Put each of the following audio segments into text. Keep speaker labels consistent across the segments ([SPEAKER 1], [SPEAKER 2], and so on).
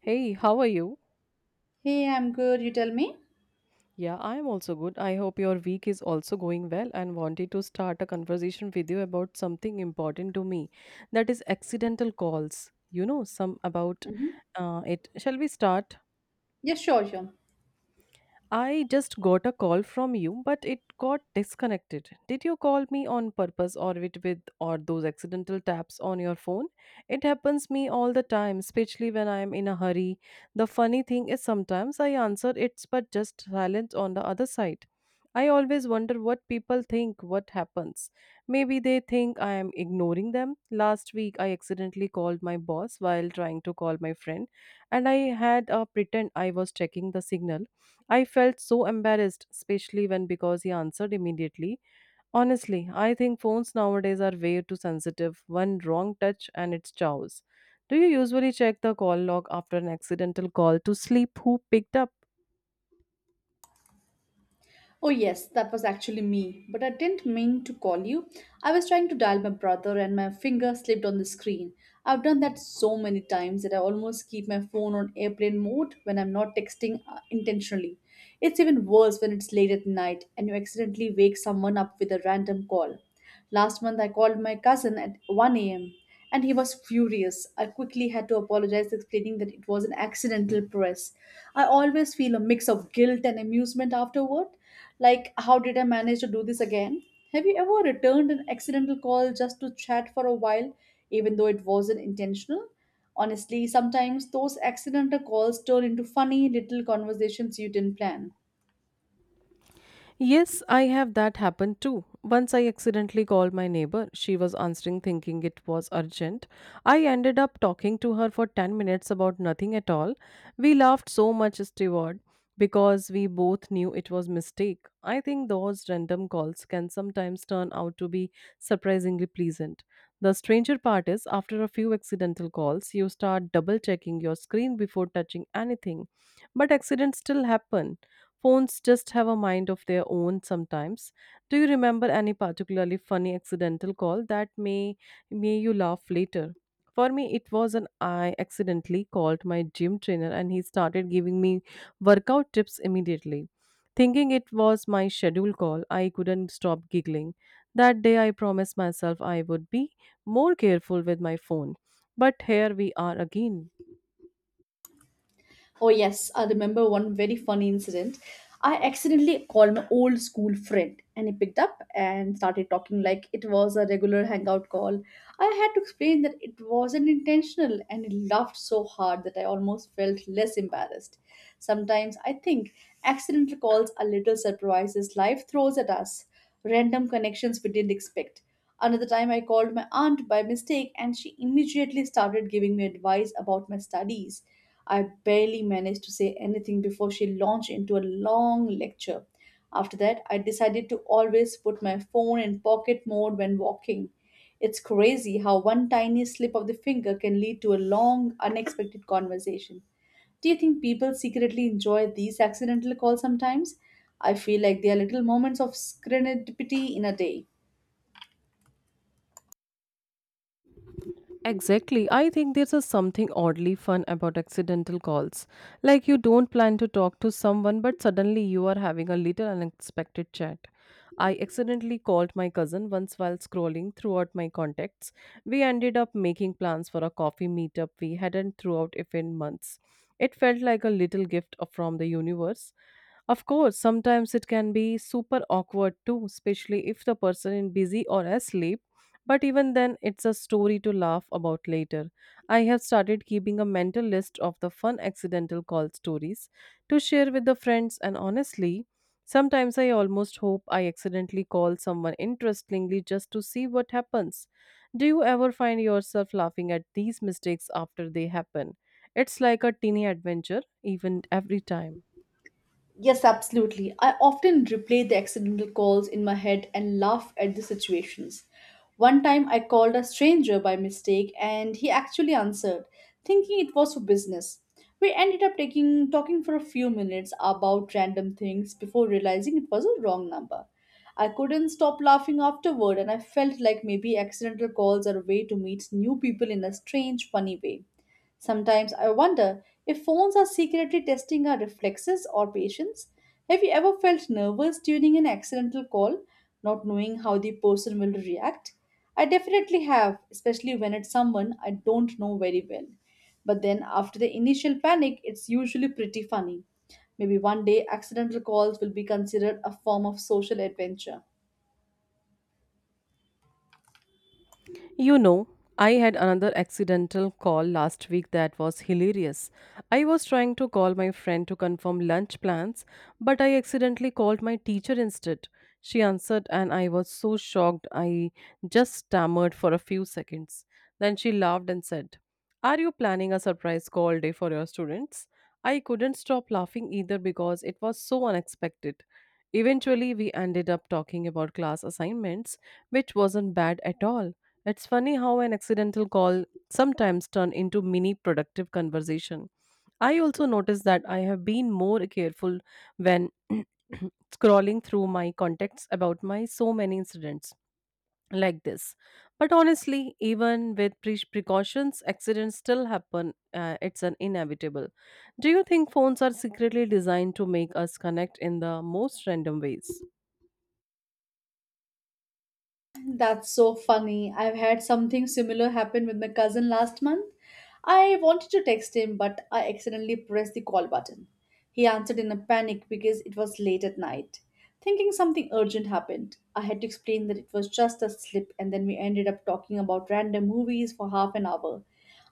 [SPEAKER 1] Hey, how are you?
[SPEAKER 2] Hey, I'm good. You tell me?
[SPEAKER 1] Yeah, I'm also good. I hope your week is also going well and wanted to start a conversation with you about something important to me that is accidental calls. You know, some about
[SPEAKER 2] Mm-hmm.
[SPEAKER 1] it. Shall we start?
[SPEAKER 2] Yes, sure, sure.
[SPEAKER 1] I just got a call from you, but it got disconnected. Did you call me on purpose or with or those accidental taps on your phone? It happens me all the time, especially when I am in a hurry. The funny thing is sometimes I answer it's but just silence on the other side. I always wonder what people think, what happens. Maybe they think I am ignoring them. Last week I accidentally called my boss while trying to call my friend and I had a pretend I was checking the signal. I felt so embarrassed, especially when because he answered immediately. Honestly, I think phones nowadays are way too sensitive. One wrong touch and it's chows. Do you usually check the call log after an accidental call to sleep who picked up?
[SPEAKER 2] Oh, yes, that was actually me, but I didn't mean to call you. I was trying to dial my brother and my finger slipped on the screen. I've done that so many times that I almost keep my phone on airplane mode when I'm not texting intentionally. It's even worse when it's late at night and you accidentally wake someone up with a random call. Last month, I called my cousin at 1 a.m. and he was furious. I quickly had to apologize, explaining that it was an accidental press. I always feel a mix of guilt and amusement afterward. Like, how did I manage to do this again? Have you ever returned an accidental call just to chat for a while, even though it wasn't intentional? Honestly, sometimes those accidental calls turn into funny little conversations you didn't plan.
[SPEAKER 1] Yes, I have that happen too. Once I accidentally called my neighbor. She was answering thinking it was urgent. I ended up talking to her for 10 minutes about nothing at all. We laughed so much, Steward, because we both knew it was mistake. I think those random calls can sometimes turn out to be surprisingly pleasant. The stranger part is after a few accidental calls, you start double checking your screen before touching anything. But accidents still happen. Phones just have a mind of their own sometimes. Do you remember any particularly funny accidental call that may made you laugh later? For me, it was an I accidentally called my gym trainer and he started giving me workout tips immediately. Thinking it was my schedule call, I couldn't stop giggling. That day, I promised myself I would be more careful with my phone. But here we are again.
[SPEAKER 2] Oh, yes, I remember one very funny incident. I accidentally called an old school friend and he picked up and started talking like it was a regular hangout call. I had to explain that it wasn't intentional and he laughed so hard that I almost felt less embarrassed. Sometimes I think accidental calls are little surprises life throws at us, random connections we didn't expect. Another time, I called my aunt by mistake and she immediately started giving me advice about my studies. I barely managed to say anything before she launched into a long lecture. After that, I decided to always put my phone in pocket mode when walking. It's crazy how one tiny slip of the finger can lead to a long, unexpected conversation. Do you think people secretly enjoy these accidental calls sometimes? I feel like they are little moments of serendipity in a day.
[SPEAKER 1] Exactly. I think there's a something oddly fun about accidental calls. Like you don't plan to talk to someone, but suddenly you are having a little unexpected chat. I accidentally called my cousin once while scrolling throughout my contacts. We ended up making plans for a coffee meetup we hadn't throughout if in months. It felt like a little gift of- from the universe. Of course, sometimes it can be super awkward too, especially if the person is busy or asleep, but even then, it's a story to laugh about later. I have started keeping a mental list of the fun accidental call stories to share with the friends, and honestly, sometimes I almost hope I accidentally call someone interestingly just to see what happens. Do you ever find yourself laughing at these mistakes after they happen? It's like a teeny adventure, even every time.
[SPEAKER 2] Yes, absolutely. I often replay the accidental calls in my head and laugh at the situations. One time I called a stranger by mistake and he actually answered, thinking it was for business. We ended up taking talking for a few minutes about random things before realizing it was a wrong number. I couldn't stop laughing afterward and I felt like maybe accidental calls are a way to meet new people in a strange, funny way. Sometimes I wonder if phones are secretly testing our reflexes or patience. Have you ever felt nervous during an accidental call, not knowing how the person will react? I definitely have, especially when it's someone I don't know very well. But then after the initial panic, it's usually pretty funny. Maybe one day accidental calls will be considered a form of social adventure.
[SPEAKER 1] You know, I had another accidental call last week that was hilarious. I was trying to call my friend to confirm lunch plans, but I accidentally called my teacher instead. She answered, and I was so shocked I just stammered for a few seconds. Then she laughed and said, "Are you planning a surprise call day for your students?" I couldn't stop laughing either because it was so unexpected. Eventually, we ended up talking about class assignments, which wasn't bad at all. It's funny how an accidental call sometimes turn into mini productive conversation. I also noticed that I have been more careful when scrolling through my contacts about my so many incidents like this, but honestly even with precautions accidents still happen. It's an inevitable. Do you think phones are secretly designed to make us connect in the most random ways?
[SPEAKER 2] That's so funny. I've had something similar happen with my cousin last month. I wanted to text him, but I accidentally pressed the call button. He answered in a panic because it was late at night. Thinking something urgent happened, I had to explain that it was just a slip, and then we ended up talking about random movies for half an hour.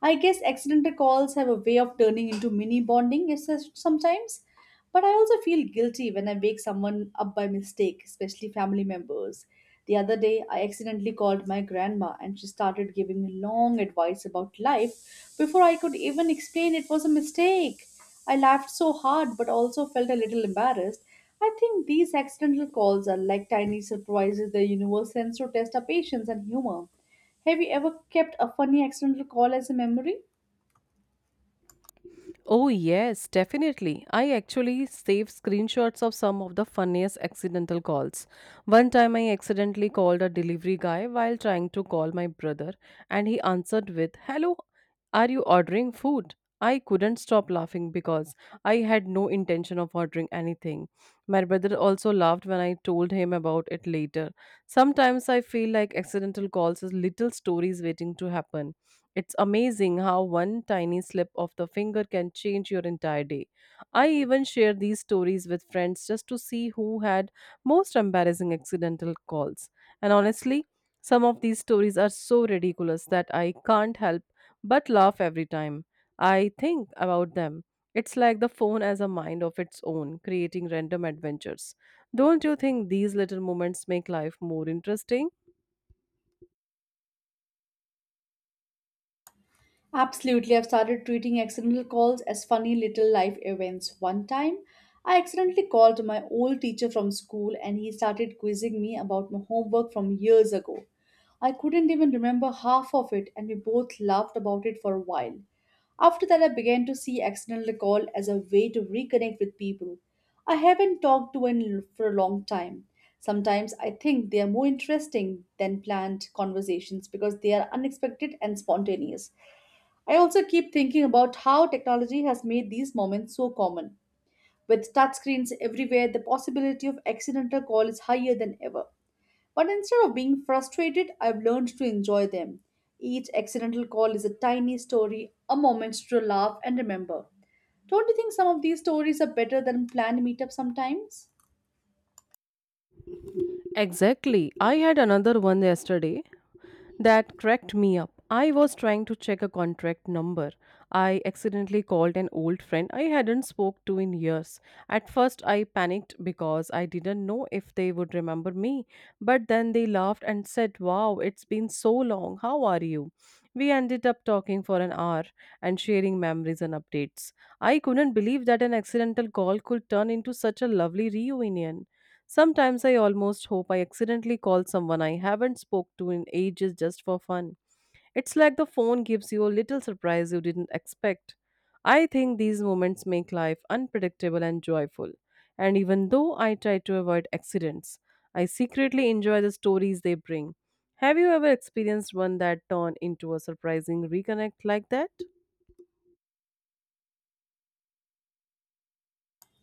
[SPEAKER 2] I guess accidental calls have a way of turning into mini bonding sometimes. But I also feel guilty when I wake someone up by mistake, especially family members. The other day, I accidentally called my grandma and she started giving me long advice about life before I could even explain it was a mistake. I laughed so hard but also felt a little embarrassed. I think these accidental calls are like tiny surprises the universe sends to test our patience and humor. Have you ever kept a funny accidental call as a memory?
[SPEAKER 1] Oh, yes, definitely. I actually saved screenshots of some of the funniest accidental calls. One time I accidentally called a delivery guy while trying to call my brother, and he answered with, "Hello, are you ordering food?" I couldn't stop laughing because I had no intention of ordering anything. My brother also laughed when I told him about it later. Sometimes I feel like accidental calls is little stories waiting to happen. It's amazing how one tiny slip of the finger can change your entire day. I even share these stories with friends just to see who had most embarrassing accidental calls. And honestly, some of these stories are so ridiculous that I can't help but laugh every time I think about them. It's like the phone has a mind of its own, creating random adventures. Don't you think these little moments make life more interesting?
[SPEAKER 2] Absolutely, I've started treating accidental calls as funny little life events. One time, I accidentally called my old teacher from school and he started quizzing me about my homework from years ago. I couldn't even remember half of it and we both laughed about it for a while. After that, I began to see accidental call as a way to reconnect with people I haven't talked to in for a long time. Sometimes I think they are more interesting than planned conversations because they are unexpected and spontaneous. I also keep thinking about how technology has made these moments so common. With touchscreens everywhere, the possibility of accidental call is higher than ever. But instead of being frustrated, I've learned to enjoy them. Each accidental call is a tiny story, a moment to laugh and remember. Don't you think some of these stories are better than planned meetups sometimes?
[SPEAKER 1] Exactly. I had another one yesterday. That cracked me up. I was trying to check a contract number. I accidentally called an old friend I hadn't spoke to in years. At first I panicked because I didn't know if they would remember me, but then they laughed and said, "Wow, it's been so long. How are you?" We ended up talking for an hour and sharing memories and updates. I couldn't believe that an accidental call could turn into such a lovely reunion. Sometimes I almost hope I accidentally call someone I haven't spoke to in ages just for fun. It's like the phone gives you a little surprise you didn't expect. I think these moments make life unpredictable and joyful. And even though I try to avoid accidents, I secretly enjoy the stories they bring. Have you ever experienced one that turned into a surprising reconnect like that?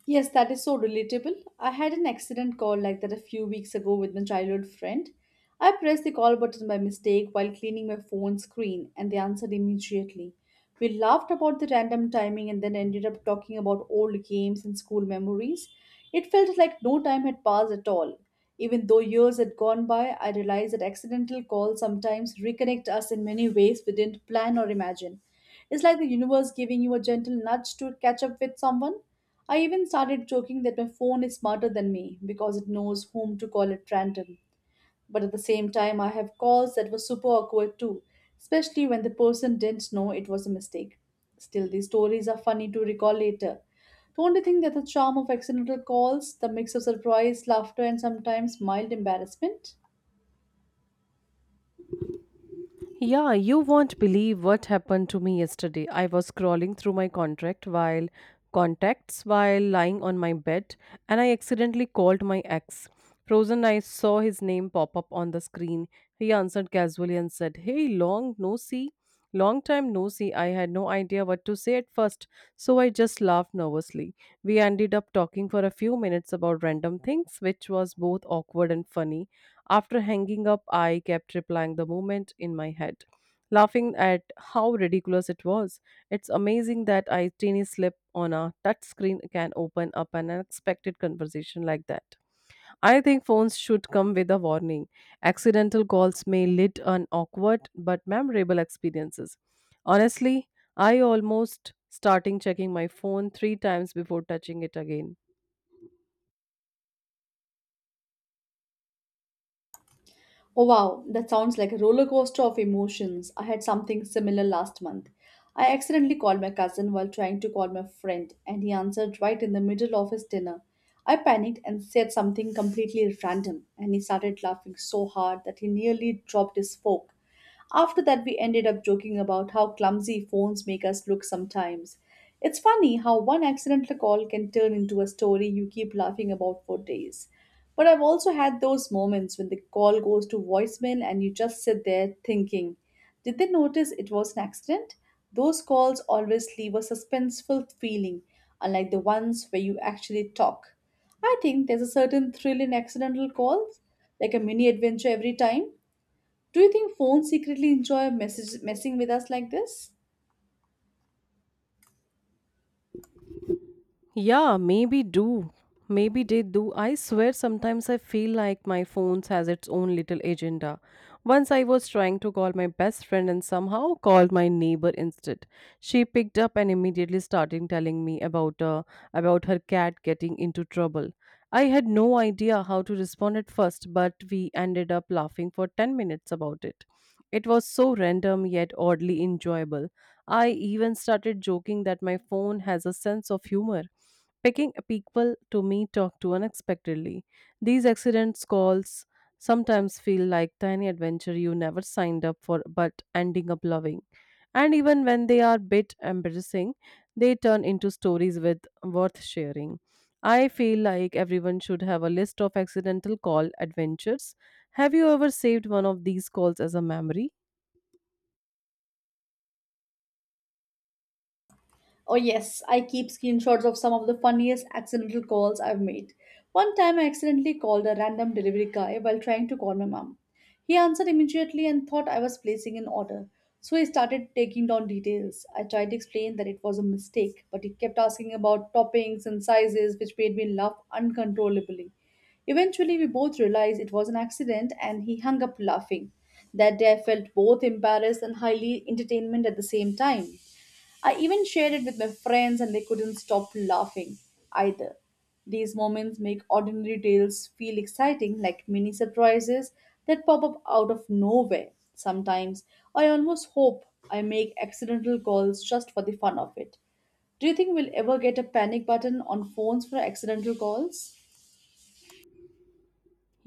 [SPEAKER 2] Yes, that is so relatable. I had an accident call like that a few weeks ago with my childhood friend. I pressed the call button by mistake while cleaning my phone screen and they answered immediately. We laughed about the random timing and then ended up talking about old games and school memories. It felt like no time had passed at all. Even though years had gone by, I realized that accidental calls sometimes reconnect us in many ways we didn't plan or imagine. It's like the universe giving you a gentle nudge to catch up with someone. I even started joking that my phone is smarter than me because it knows whom to call at random. But at the same time, I have calls that were super awkward too, especially when the person didn't know it was a mistake. Still, these stories are funny to recall later. Don't you think that the charm of accidental calls, the mix of surprise, laughter, and sometimes mild embarrassment?
[SPEAKER 1] Yeah, you won't believe what happened to me yesterday. I was scrolling through my contract while contacts while lying on my bed, and I accidentally called my ex. Frozen, I saw his name pop up on the screen. He answered casually and said, "Hey, Long time no see." I had no idea what to say at first, so I just laughed nervously. We ended up talking for a few minutes about random things, which was both awkward and funny. After hanging up, I kept replying the moment in my head, laughing at how ridiculous it was. It's amazing that a tiny slip on a touchscreen can open up an unexpected conversation like that. I think phones should come with a warning. Accidental calls may lead an awkward but memorable experiences. Honestly, I almost starting checking my phone 3 times before touching it again.
[SPEAKER 2] Oh wow, that sounds like a roller coaster of emotions. I had something similar last month. I accidentally called my cousin while trying to call my friend, and he answered right in the middle of his dinner. I panicked and said something completely random, and he started laughing so hard that he nearly dropped his fork. After that, we ended up joking about how clumsy phones make us look sometimes. It's funny how one accidental call can turn into a story you keep laughing about for days. But I've also had those moments when the call goes to voicemail and you just sit there thinking, did they notice it was an accident? Those calls always leave a suspenseful feeling, unlike the ones where you actually talk. I think there's a certain thrill in accidental calls, like a mini adventure every time. Do you think phones secretly enjoy messing with us like this?
[SPEAKER 1] Yeah, maybe do. Maybe they do. I swear sometimes I feel like my phone has its own little agenda. Once I was trying to call my best friend and somehow called my neighbor instead. She picked up and immediately started telling me about her cat getting into trouble. I had no idea how to respond at first, but we ended up laughing for 10 minutes about it. It was so random yet oddly enjoyable. I even started joking that my phone has a sense of humor picking people to me talk to unexpectedly. These accidents calls sometimes feel like tiny adventure you never signed up for but ending up loving. And even when they are a bit embarrassing, they turn into stories with worth sharing. I feel like everyone should have a list of accidental call adventures. Have you ever saved one of these calls as a memory?
[SPEAKER 2] Oh, yes, I keep screenshots of some of the funniest accidental calls I've made. One time I accidentally called a random delivery guy while trying to call my mom. He answered immediately and thought I was placing an order, so he started taking down details. I tried to explain that it was a mistake, but he kept asking about toppings and sizes, which made me laugh uncontrollably. Eventually, we both realized it was an accident and he hung up laughing. That day, I felt both embarrassed and highly entertainment at the same time. I even shared it with my friends, and they couldn't stop laughing either. These moments make ordinary tales feel exciting, like mini surprises that pop up out of nowhere. Sometimes I almost hope I make accidental calls just for the fun of it. Do you think we'll ever get a panic button on phones for accidental calls?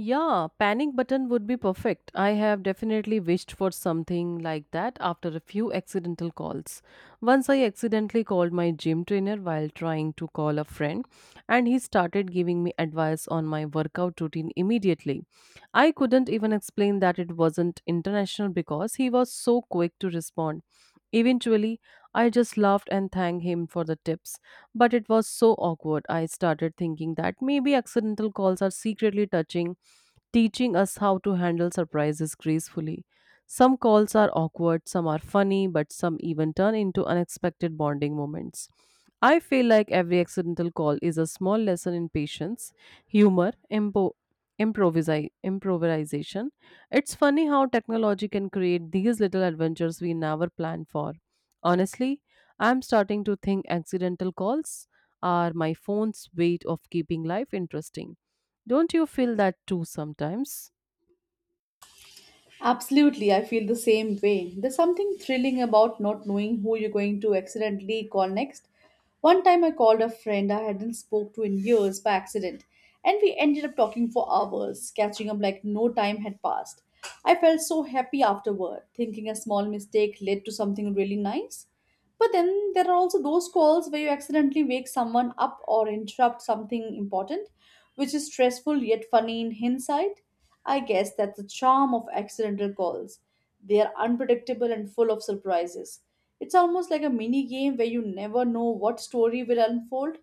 [SPEAKER 1] Yeah, panic button would be perfect. I have definitely wished for something like that after a few accidental calls. Once I accidentally called my gym trainer while trying to call a friend, and he started giving me advice on my workout routine immediately. I couldn't even explain that it wasn't international because he was so quick to respond. Eventually, I just laughed and thanked him for the tips, but it was so awkward. I started thinking that maybe accidental calls are secretly touching, teaching us how to handle surprises gracefully. Some calls are awkward, some are funny, but some even turn into unexpected bonding moments. I feel like every accidental call is a small lesson in patience, humor, improvisation. It's funny how technology can create these little adventures we never planned for. Honestly, I'm starting to think accidental calls are my phone's way of keeping life interesting. Don't you feel that too sometimes?
[SPEAKER 2] Absolutely, I feel the same way. There's something thrilling about not knowing who you're going to accidentally call next. One time I called a friend I hadn't spoke to in years by accident, and we ended up talking for hours, catching up like no time had passed. I felt so happy afterward, thinking a small mistake led to something really nice. But then there are also those calls where you accidentally wake someone up or interrupt something important, which is stressful yet funny in hindsight. I guess that's the charm of accidental calls. They are unpredictable and full of surprises. It's almost like a mini game where you never know what story will unfold,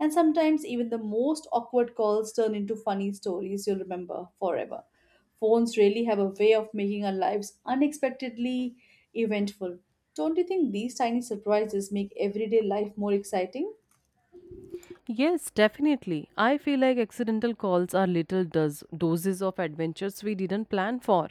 [SPEAKER 2] and sometimes even the most awkward calls turn into funny stories you'll remember forever. Phones really have a way of making our lives unexpectedly eventful. Don't you think these tiny surprises make everyday life more exciting?
[SPEAKER 1] Yes, definitely. I feel like accidental calls are little does doses of adventures we didn't plan for.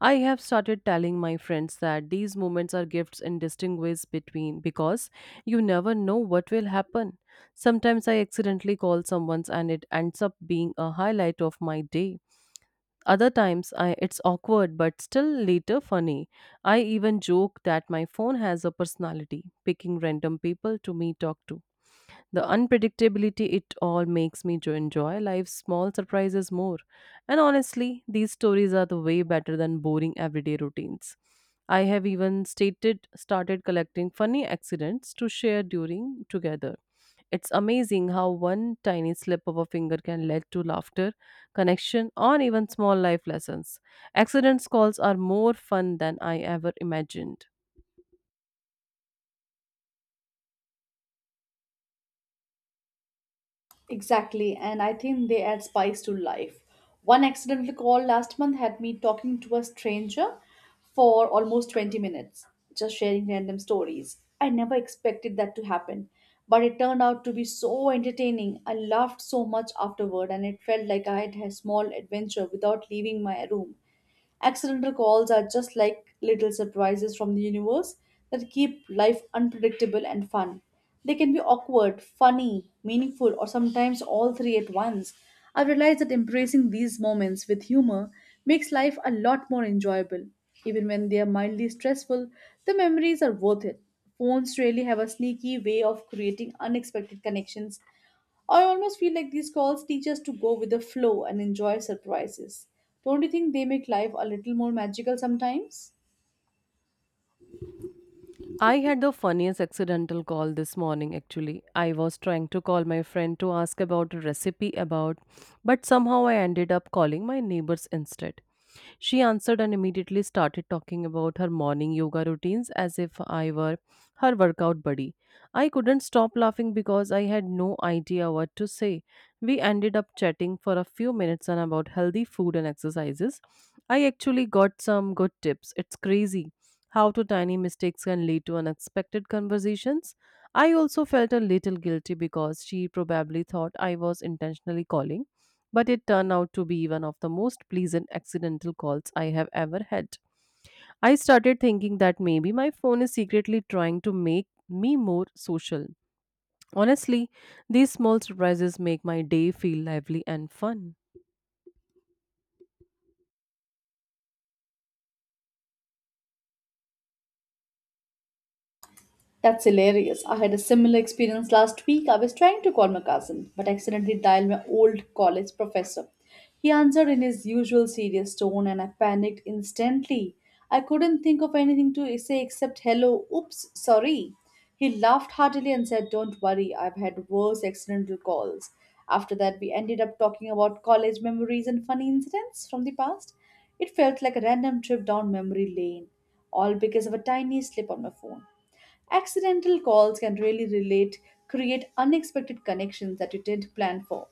[SPEAKER 1] I have started telling my friends that these moments are gifts in distinct ways between because you never know what will happen. Sometimes I accidentally call someone's and it ends up being a highlight of my day. Other times I it's awkward but still later funny. I even joke that my phone has a personality, picking random people to me talk to. The unpredictability it all makes me to enjoy life's small surprises more. And honestly, these stories are the way better than boring everyday routines. I have even stated started collecting funny accidents to share during together. It's amazing how one tiny slip of a finger can lead to laughter, connection, or even small life lessons. Accidents calls are more fun than I ever imagined.
[SPEAKER 2] Exactly, and I think they add spice to life. One accidental call last month had me talking to a stranger for almost 20 minutes, just sharing random stories. I never expected that to happen, but it turned out to be so entertaining. I laughed so much afterward, and it felt like I had a small adventure without leaving my room. Accidental calls are just like little surprises from the universe that keep life unpredictable and fun. They can be awkward, funny, meaningful, or sometimes all three at once. I've realized that embracing these moments with humor makes life a lot more enjoyable. Even when they are mildly stressful, the memories are worth it. Phones really have a sneaky way of creating unexpected connections. I almost feel like these calls teach us to go with the flow and enjoy surprises. Don't you think they make life a little more magical sometimes?
[SPEAKER 1] I had the funniest accidental call this morning actually. I was trying to call my friend to ask about a recipe about but somehow I ended up calling my neighbors instead. She answered and immediately started talking about her morning yoga routines as if I were her workout buddy. I couldn't stop laughing because I had no idea what to say. We ended up chatting for a few minutes on about healthy food and exercises. I actually got some good tips. It's crazy how to tiny mistakes can lead to unexpected conversations. I also felt a little guilty because she probably thought I was intentionally calling but it turned out to be one of the most pleasant accidental calls I have ever had. I started thinking that maybe my phone is secretly trying to make me more social. Honestly, these small surprises make my day feel lively and fun.
[SPEAKER 2] That's hilarious. I had a similar experience last week. I was trying to call my cousin, but accidentally dialed my old college professor. He answered in his usual serious tone, and I panicked instantly. I couldn't think of anything to say except hello, oops, sorry. He laughed heartily and said, "Don't worry, I've had worse accidental calls." After that, we ended up talking about college memories and funny incidents from the past. It felt like a random trip down memory lane, all because of a tiny slip on my phone. Accidental calls can really relate, create unexpected connections that you didn't plan for.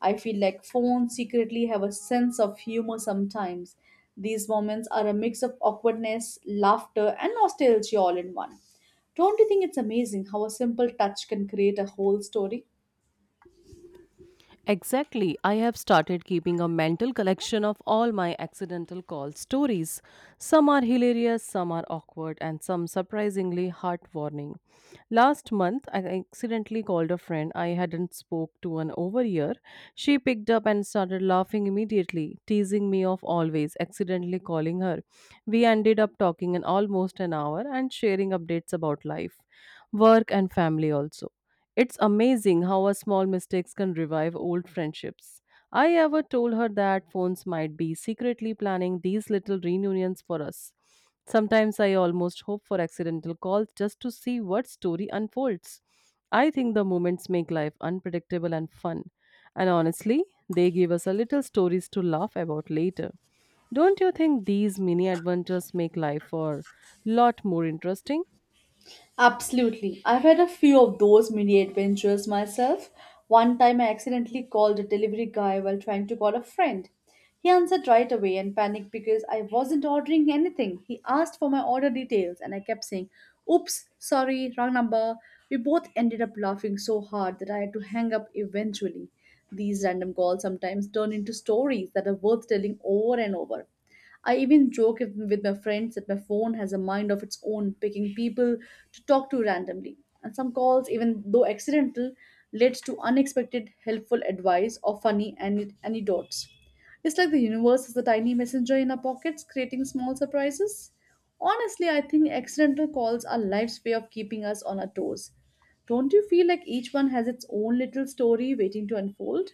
[SPEAKER 2] I feel like phones secretly have a sense of humor sometimes. These moments are a mix of awkwardness, laughter, and nostalgia all in one. Don't you think it's amazing how a simple touch can create a whole story?
[SPEAKER 1] Exactly. I have started keeping a mental collection of all my accidental call stories. Some are hilarious, some are awkward, and some surprisingly heartwarming. Last month, I accidentally called a friend I hadn't spoke to an over year. She picked up and started laughing immediately, teasing me of always accidentally calling her. We ended up talking in almost an hour and sharing updates about life, work, and family also. It's amazing how a small mistakes can revive old friendships. I ever told her that phones might be secretly planning these little reunions for us. Sometimes I almost hope for accidental calls just to see what story unfolds. I think the moments make life unpredictable and fun. And honestly, they give us a little stories to laugh about later. Don't you think these mini adventures make life a lot more interesting?
[SPEAKER 2] Absolutely. I've had a few of those mini adventures myself. One time I accidentally called a delivery guy while trying to call a friend. He answered right away and panicked because I wasn't ordering anything. He asked for my order details and I kept saying, "Oops, sorry, wrong number." We both ended up laughing so hard that I had to hang up eventually. These random calls sometimes turn into stories that are worth telling over and over. I even joke with my friends that my phone has a mind of its own, picking people to talk to randomly. And some calls, even though accidental, led to unexpected helpful advice or funny anecdotes. It's like the universe is a tiny messenger in our pockets, creating small surprises. Honestly, I think accidental calls are life's way of keeping us on our toes. Don't you feel like each one has its own little story waiting to unfold?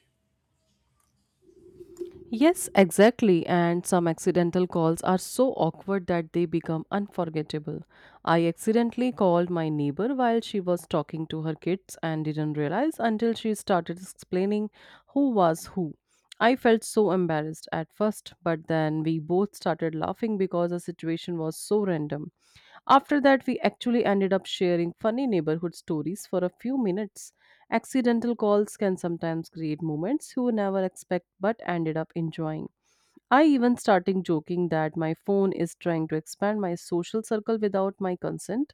[SPEAKER 1] Yes, exactly. And some accidental calls are so awkward that they become unforgettable. I accidentally called my neighbor while she was talking to her kids and didn't realize until she started explaining who was who. I felt so embarrassed at first, but then we both started laughing because the situation was so random. After that, we actually ended up sharing funny neighborhood stories for a few minutes. Accidental calls can sometimes create moments you never expect but ended up enjoying. I even started joking that my phone is trying to expand my social circle without my consent.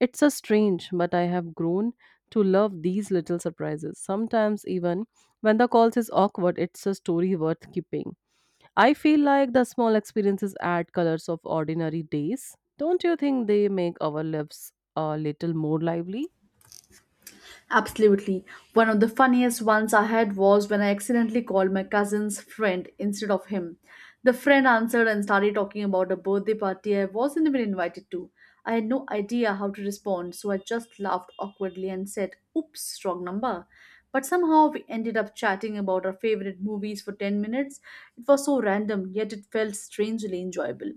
[SPEAKER 1] It's a strange, but I have grown to love these little surprises. Sometimes, even when the calls is awkward, it's a story worth keeping. I feel like the small experiences add colors of ordinary days. Don't you think they make our lives a little more lively?
[SPEAKER 2] Absolutely. One of the funniest ones I had was when I accidentally called my cousin's friend instead of him. The friend answered and started talking about a birthday party I wasn't even invited to. I had no idea how to respond, so I just laughed awkwardly and said, "Oops, wrong number." But somehow we ended up chatting about our favorite movies for 10 minutes. It was so random, yet it felt strangely enjoyable.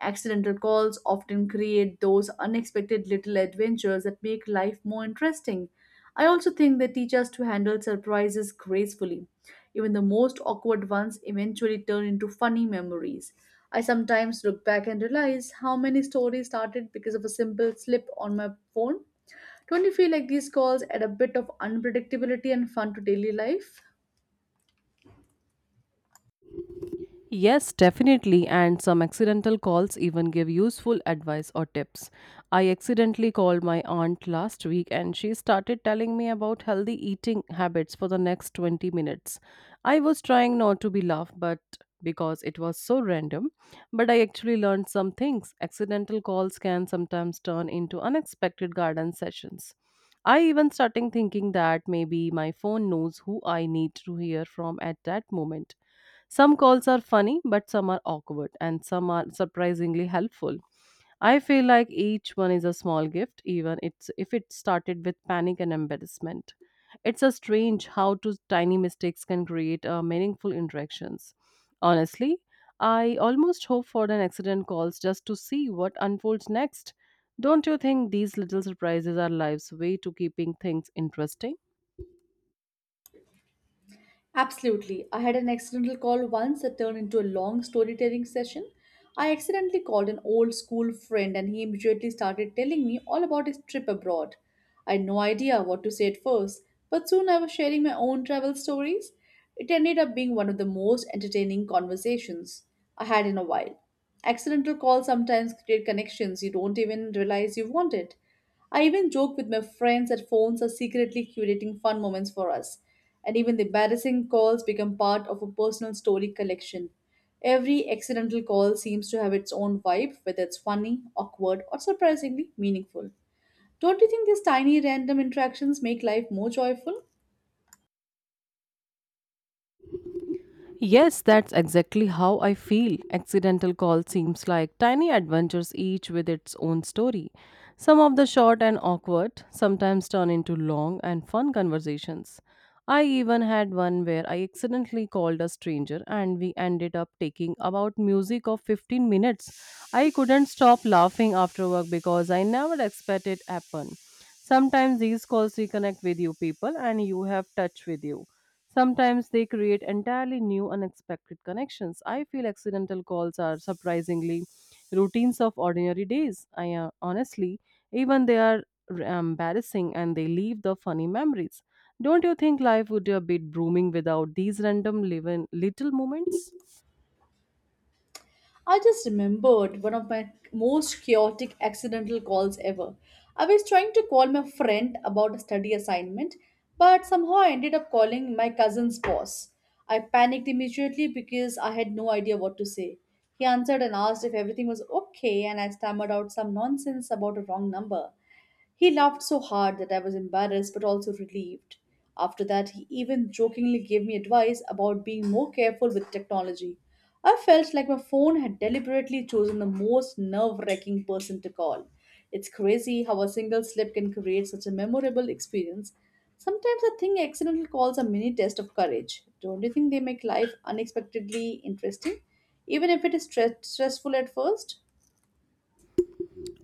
[SPEAKER 2] Accidental calls often create those unexpected little adventures that make life more interesting. I also think they teach us to handle surprises gracefully. Even the most awkward ones eventually turn into funny memories. I sometimes look back and realize how many stories started because of a simple slip on my phone. Don't you feel like these calls add a bit of unpredictability and fun to daily life?
[SPEAKER 1] Yes, definitely. And some accidental calls even give useful advice or tips. I accidentally called my aunt last week and she started telling me about healthy eating habits for the next 20 minutes. I was trying not to be laugh, but because it was so random, but I actually learned some things. Accidental calls can sometimes turn into unexpected garden sessions. I even starting thinking that maybe my phone knows who I need to hear from at that moment. Some calls are funny, but some are awkward, and some are surprisingly helpful. I feel like each one is a small gift, even it's, if it started with panic and embarrassment. It's a strange how two tiny mistakes can create meaningful interactions. Honestly, I almost hope for an accident calls just to see what unfolds next. Don't you think these little surprises are life's way to keeping things interesting?
[SPEAKER 2] Absolutely. I had an accidental call once that turned into a long storytelling session. I accidentally called an old school friend and he immediately started telling me all about his trip abroad. I had no idea what to say at first, but soon I was sharing my own travel stories. It ended up being one of the most entertaining conversations I had in a while. Accidental calls sometimes create connections you don't even realize you wanted. I even joke with my friends that phones are secretly curating fun moments for us, and even the embarrassing calls become part of a personal story collection. Every accidental call seems to have its own vibe, whether it's funny, awkward, or surprisingly meaningful. Don't you think these tiny random interactions make life more joyful?
[SPEAKER 1] Yes, that's exactly how I feel. Accidental Call seems like tiny adventures, each with its own story. Some of the short and awkward sometimes turn into long and fun conversations. I even had one where I accidentally called a stranger and we ended up taking about music of 15 minutes. I couldn't stop laughing after work because I never expected it happen. Sometimes these calls reconnect with you people and you have touch with you. Sometimes they create entirely new, unexpected connections. I feel accidental calls are surprisingly routines of ordinary days. I honestly, even they are embarrassing and they leave the funny memories. Don't you think life would be a bit booming without these random live little moments?
[SPEAKER 2] I just remembered one of my most chaotic accidental calls ever. I was trying to call my friend about a study assignment, but somehow I ended up calling my cousin's boss. I panicked immediately because I had no idea what to say. He answered and asked if everything was okay, and I stammered out some nonsense about a wrong number. He laughed so hard that I was embarrassed but also relieved. After that, he even jokingly gave me advice about being more careful with technology. I felt like my phone had deliberately chosen the most nerve wracking person to call. It's crazy how a single slip can create such a memorable experience. Sometimes I think accidental calls are mini test of courage. Don't you think they make life unexpectedly interesting, even if it is stressful at first?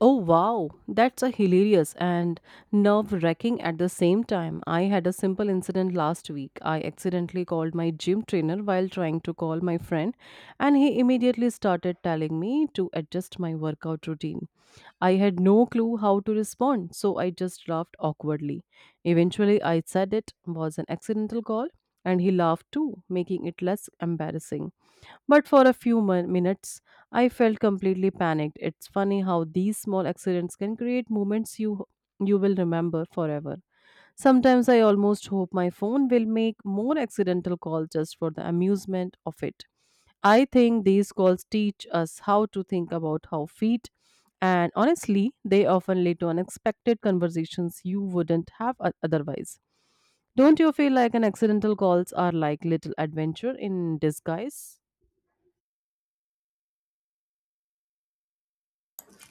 [SPEAKER 1] Oh wow, that's a hilarious and nerve-wracking at the same time. I had a simple incident last week. I accidentally called my gym trainer while trying to call my friend, and he immediately started telling me to adjust my workout routine. I had no clue how to respond, so I just laughed awkwardly. Eventually, I said it was an accidental call, and he laughed too, making it less embarrassing. But for a few minutes, I felt completely panicked. It's funny how these small accidents can create moments you will remember forever. Sometimes I almost hope my phone will make more accidental calls just for the amusement of it. I think these calls teach us how to think about how feet and honestly, they often lead to unexpected conversations you wouldn't have otherwise. Don't you feel like an accidental calls are like little adventure in disguise?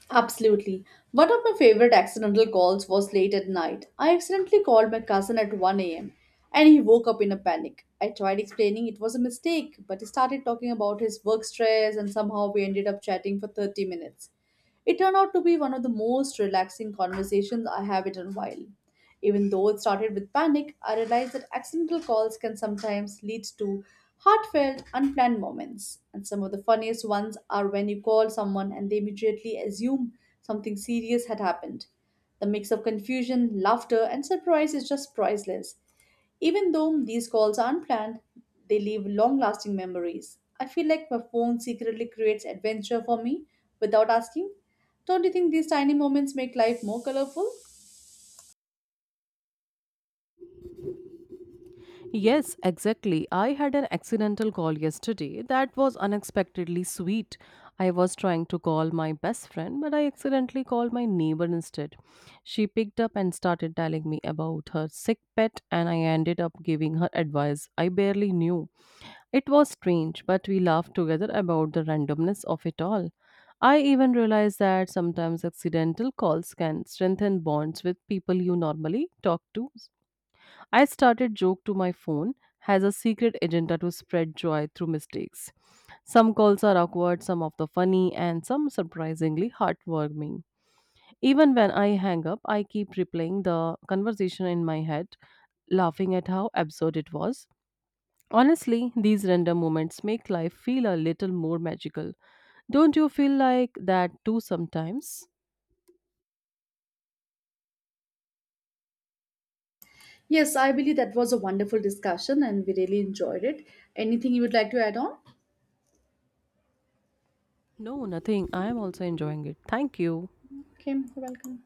[SPEAKER 2] Absolutely. One of my favorite accidental calls was late at night. I accidentally called my cousin at 1 a.m. and he woke up in a panic. I tried explaining it was a mistake, but he started talking about his work stress and somehow we ended up chatting for 30 minutes. It turned out to be one of the most relaxing conversations I have in a while. Even though it started with panic, I realized that accidental calls can sometimes lead to heartfelt, unplanned moments. And some of the funniest ones are when you call someone and they immediately assume something serious had happened. The mix of confusion, laughter, and surprise is just priceless. Even though these calls are unplanned, they leave long lasting memories. I feel like my phone secretly creates adventure for me without asking. Don't you think these tiny moments make life more colorful?
[SPEAKER 1] Yes, exactly. I had an accidental call yesterday that was unexpectedly sweet. I was trying to call my best friend, but I accidentally called my neighbor instead. She picked up and started telling me about her sick pet, and I ended up giving her advice I barely knew. It was strange, but we laughed together about the randomness of it all. I even realized that sometimes accidental calls can strengthen bonds with people you normally talk to. I started joke to my phone has a secret agenda to spread joy through mistakes. Some calls are awkward, some of the funny, and some surprisingly heartwarming. Even when I hang up, I keep replaying the conversation in my head, laughing at how absurd it was. Honestly, these random moments make life feel a little more magical. Don't you feel like that too sometimes?
[SPEAKER 2] Yes, I believe that was a wonderful discussion and we really enjoyed it. Anything you would like to add on?
[SPEAKER 1] No, nothing. I am also enjoying it. Thank you.
[SPEAKER 2] Okay, you're welcome.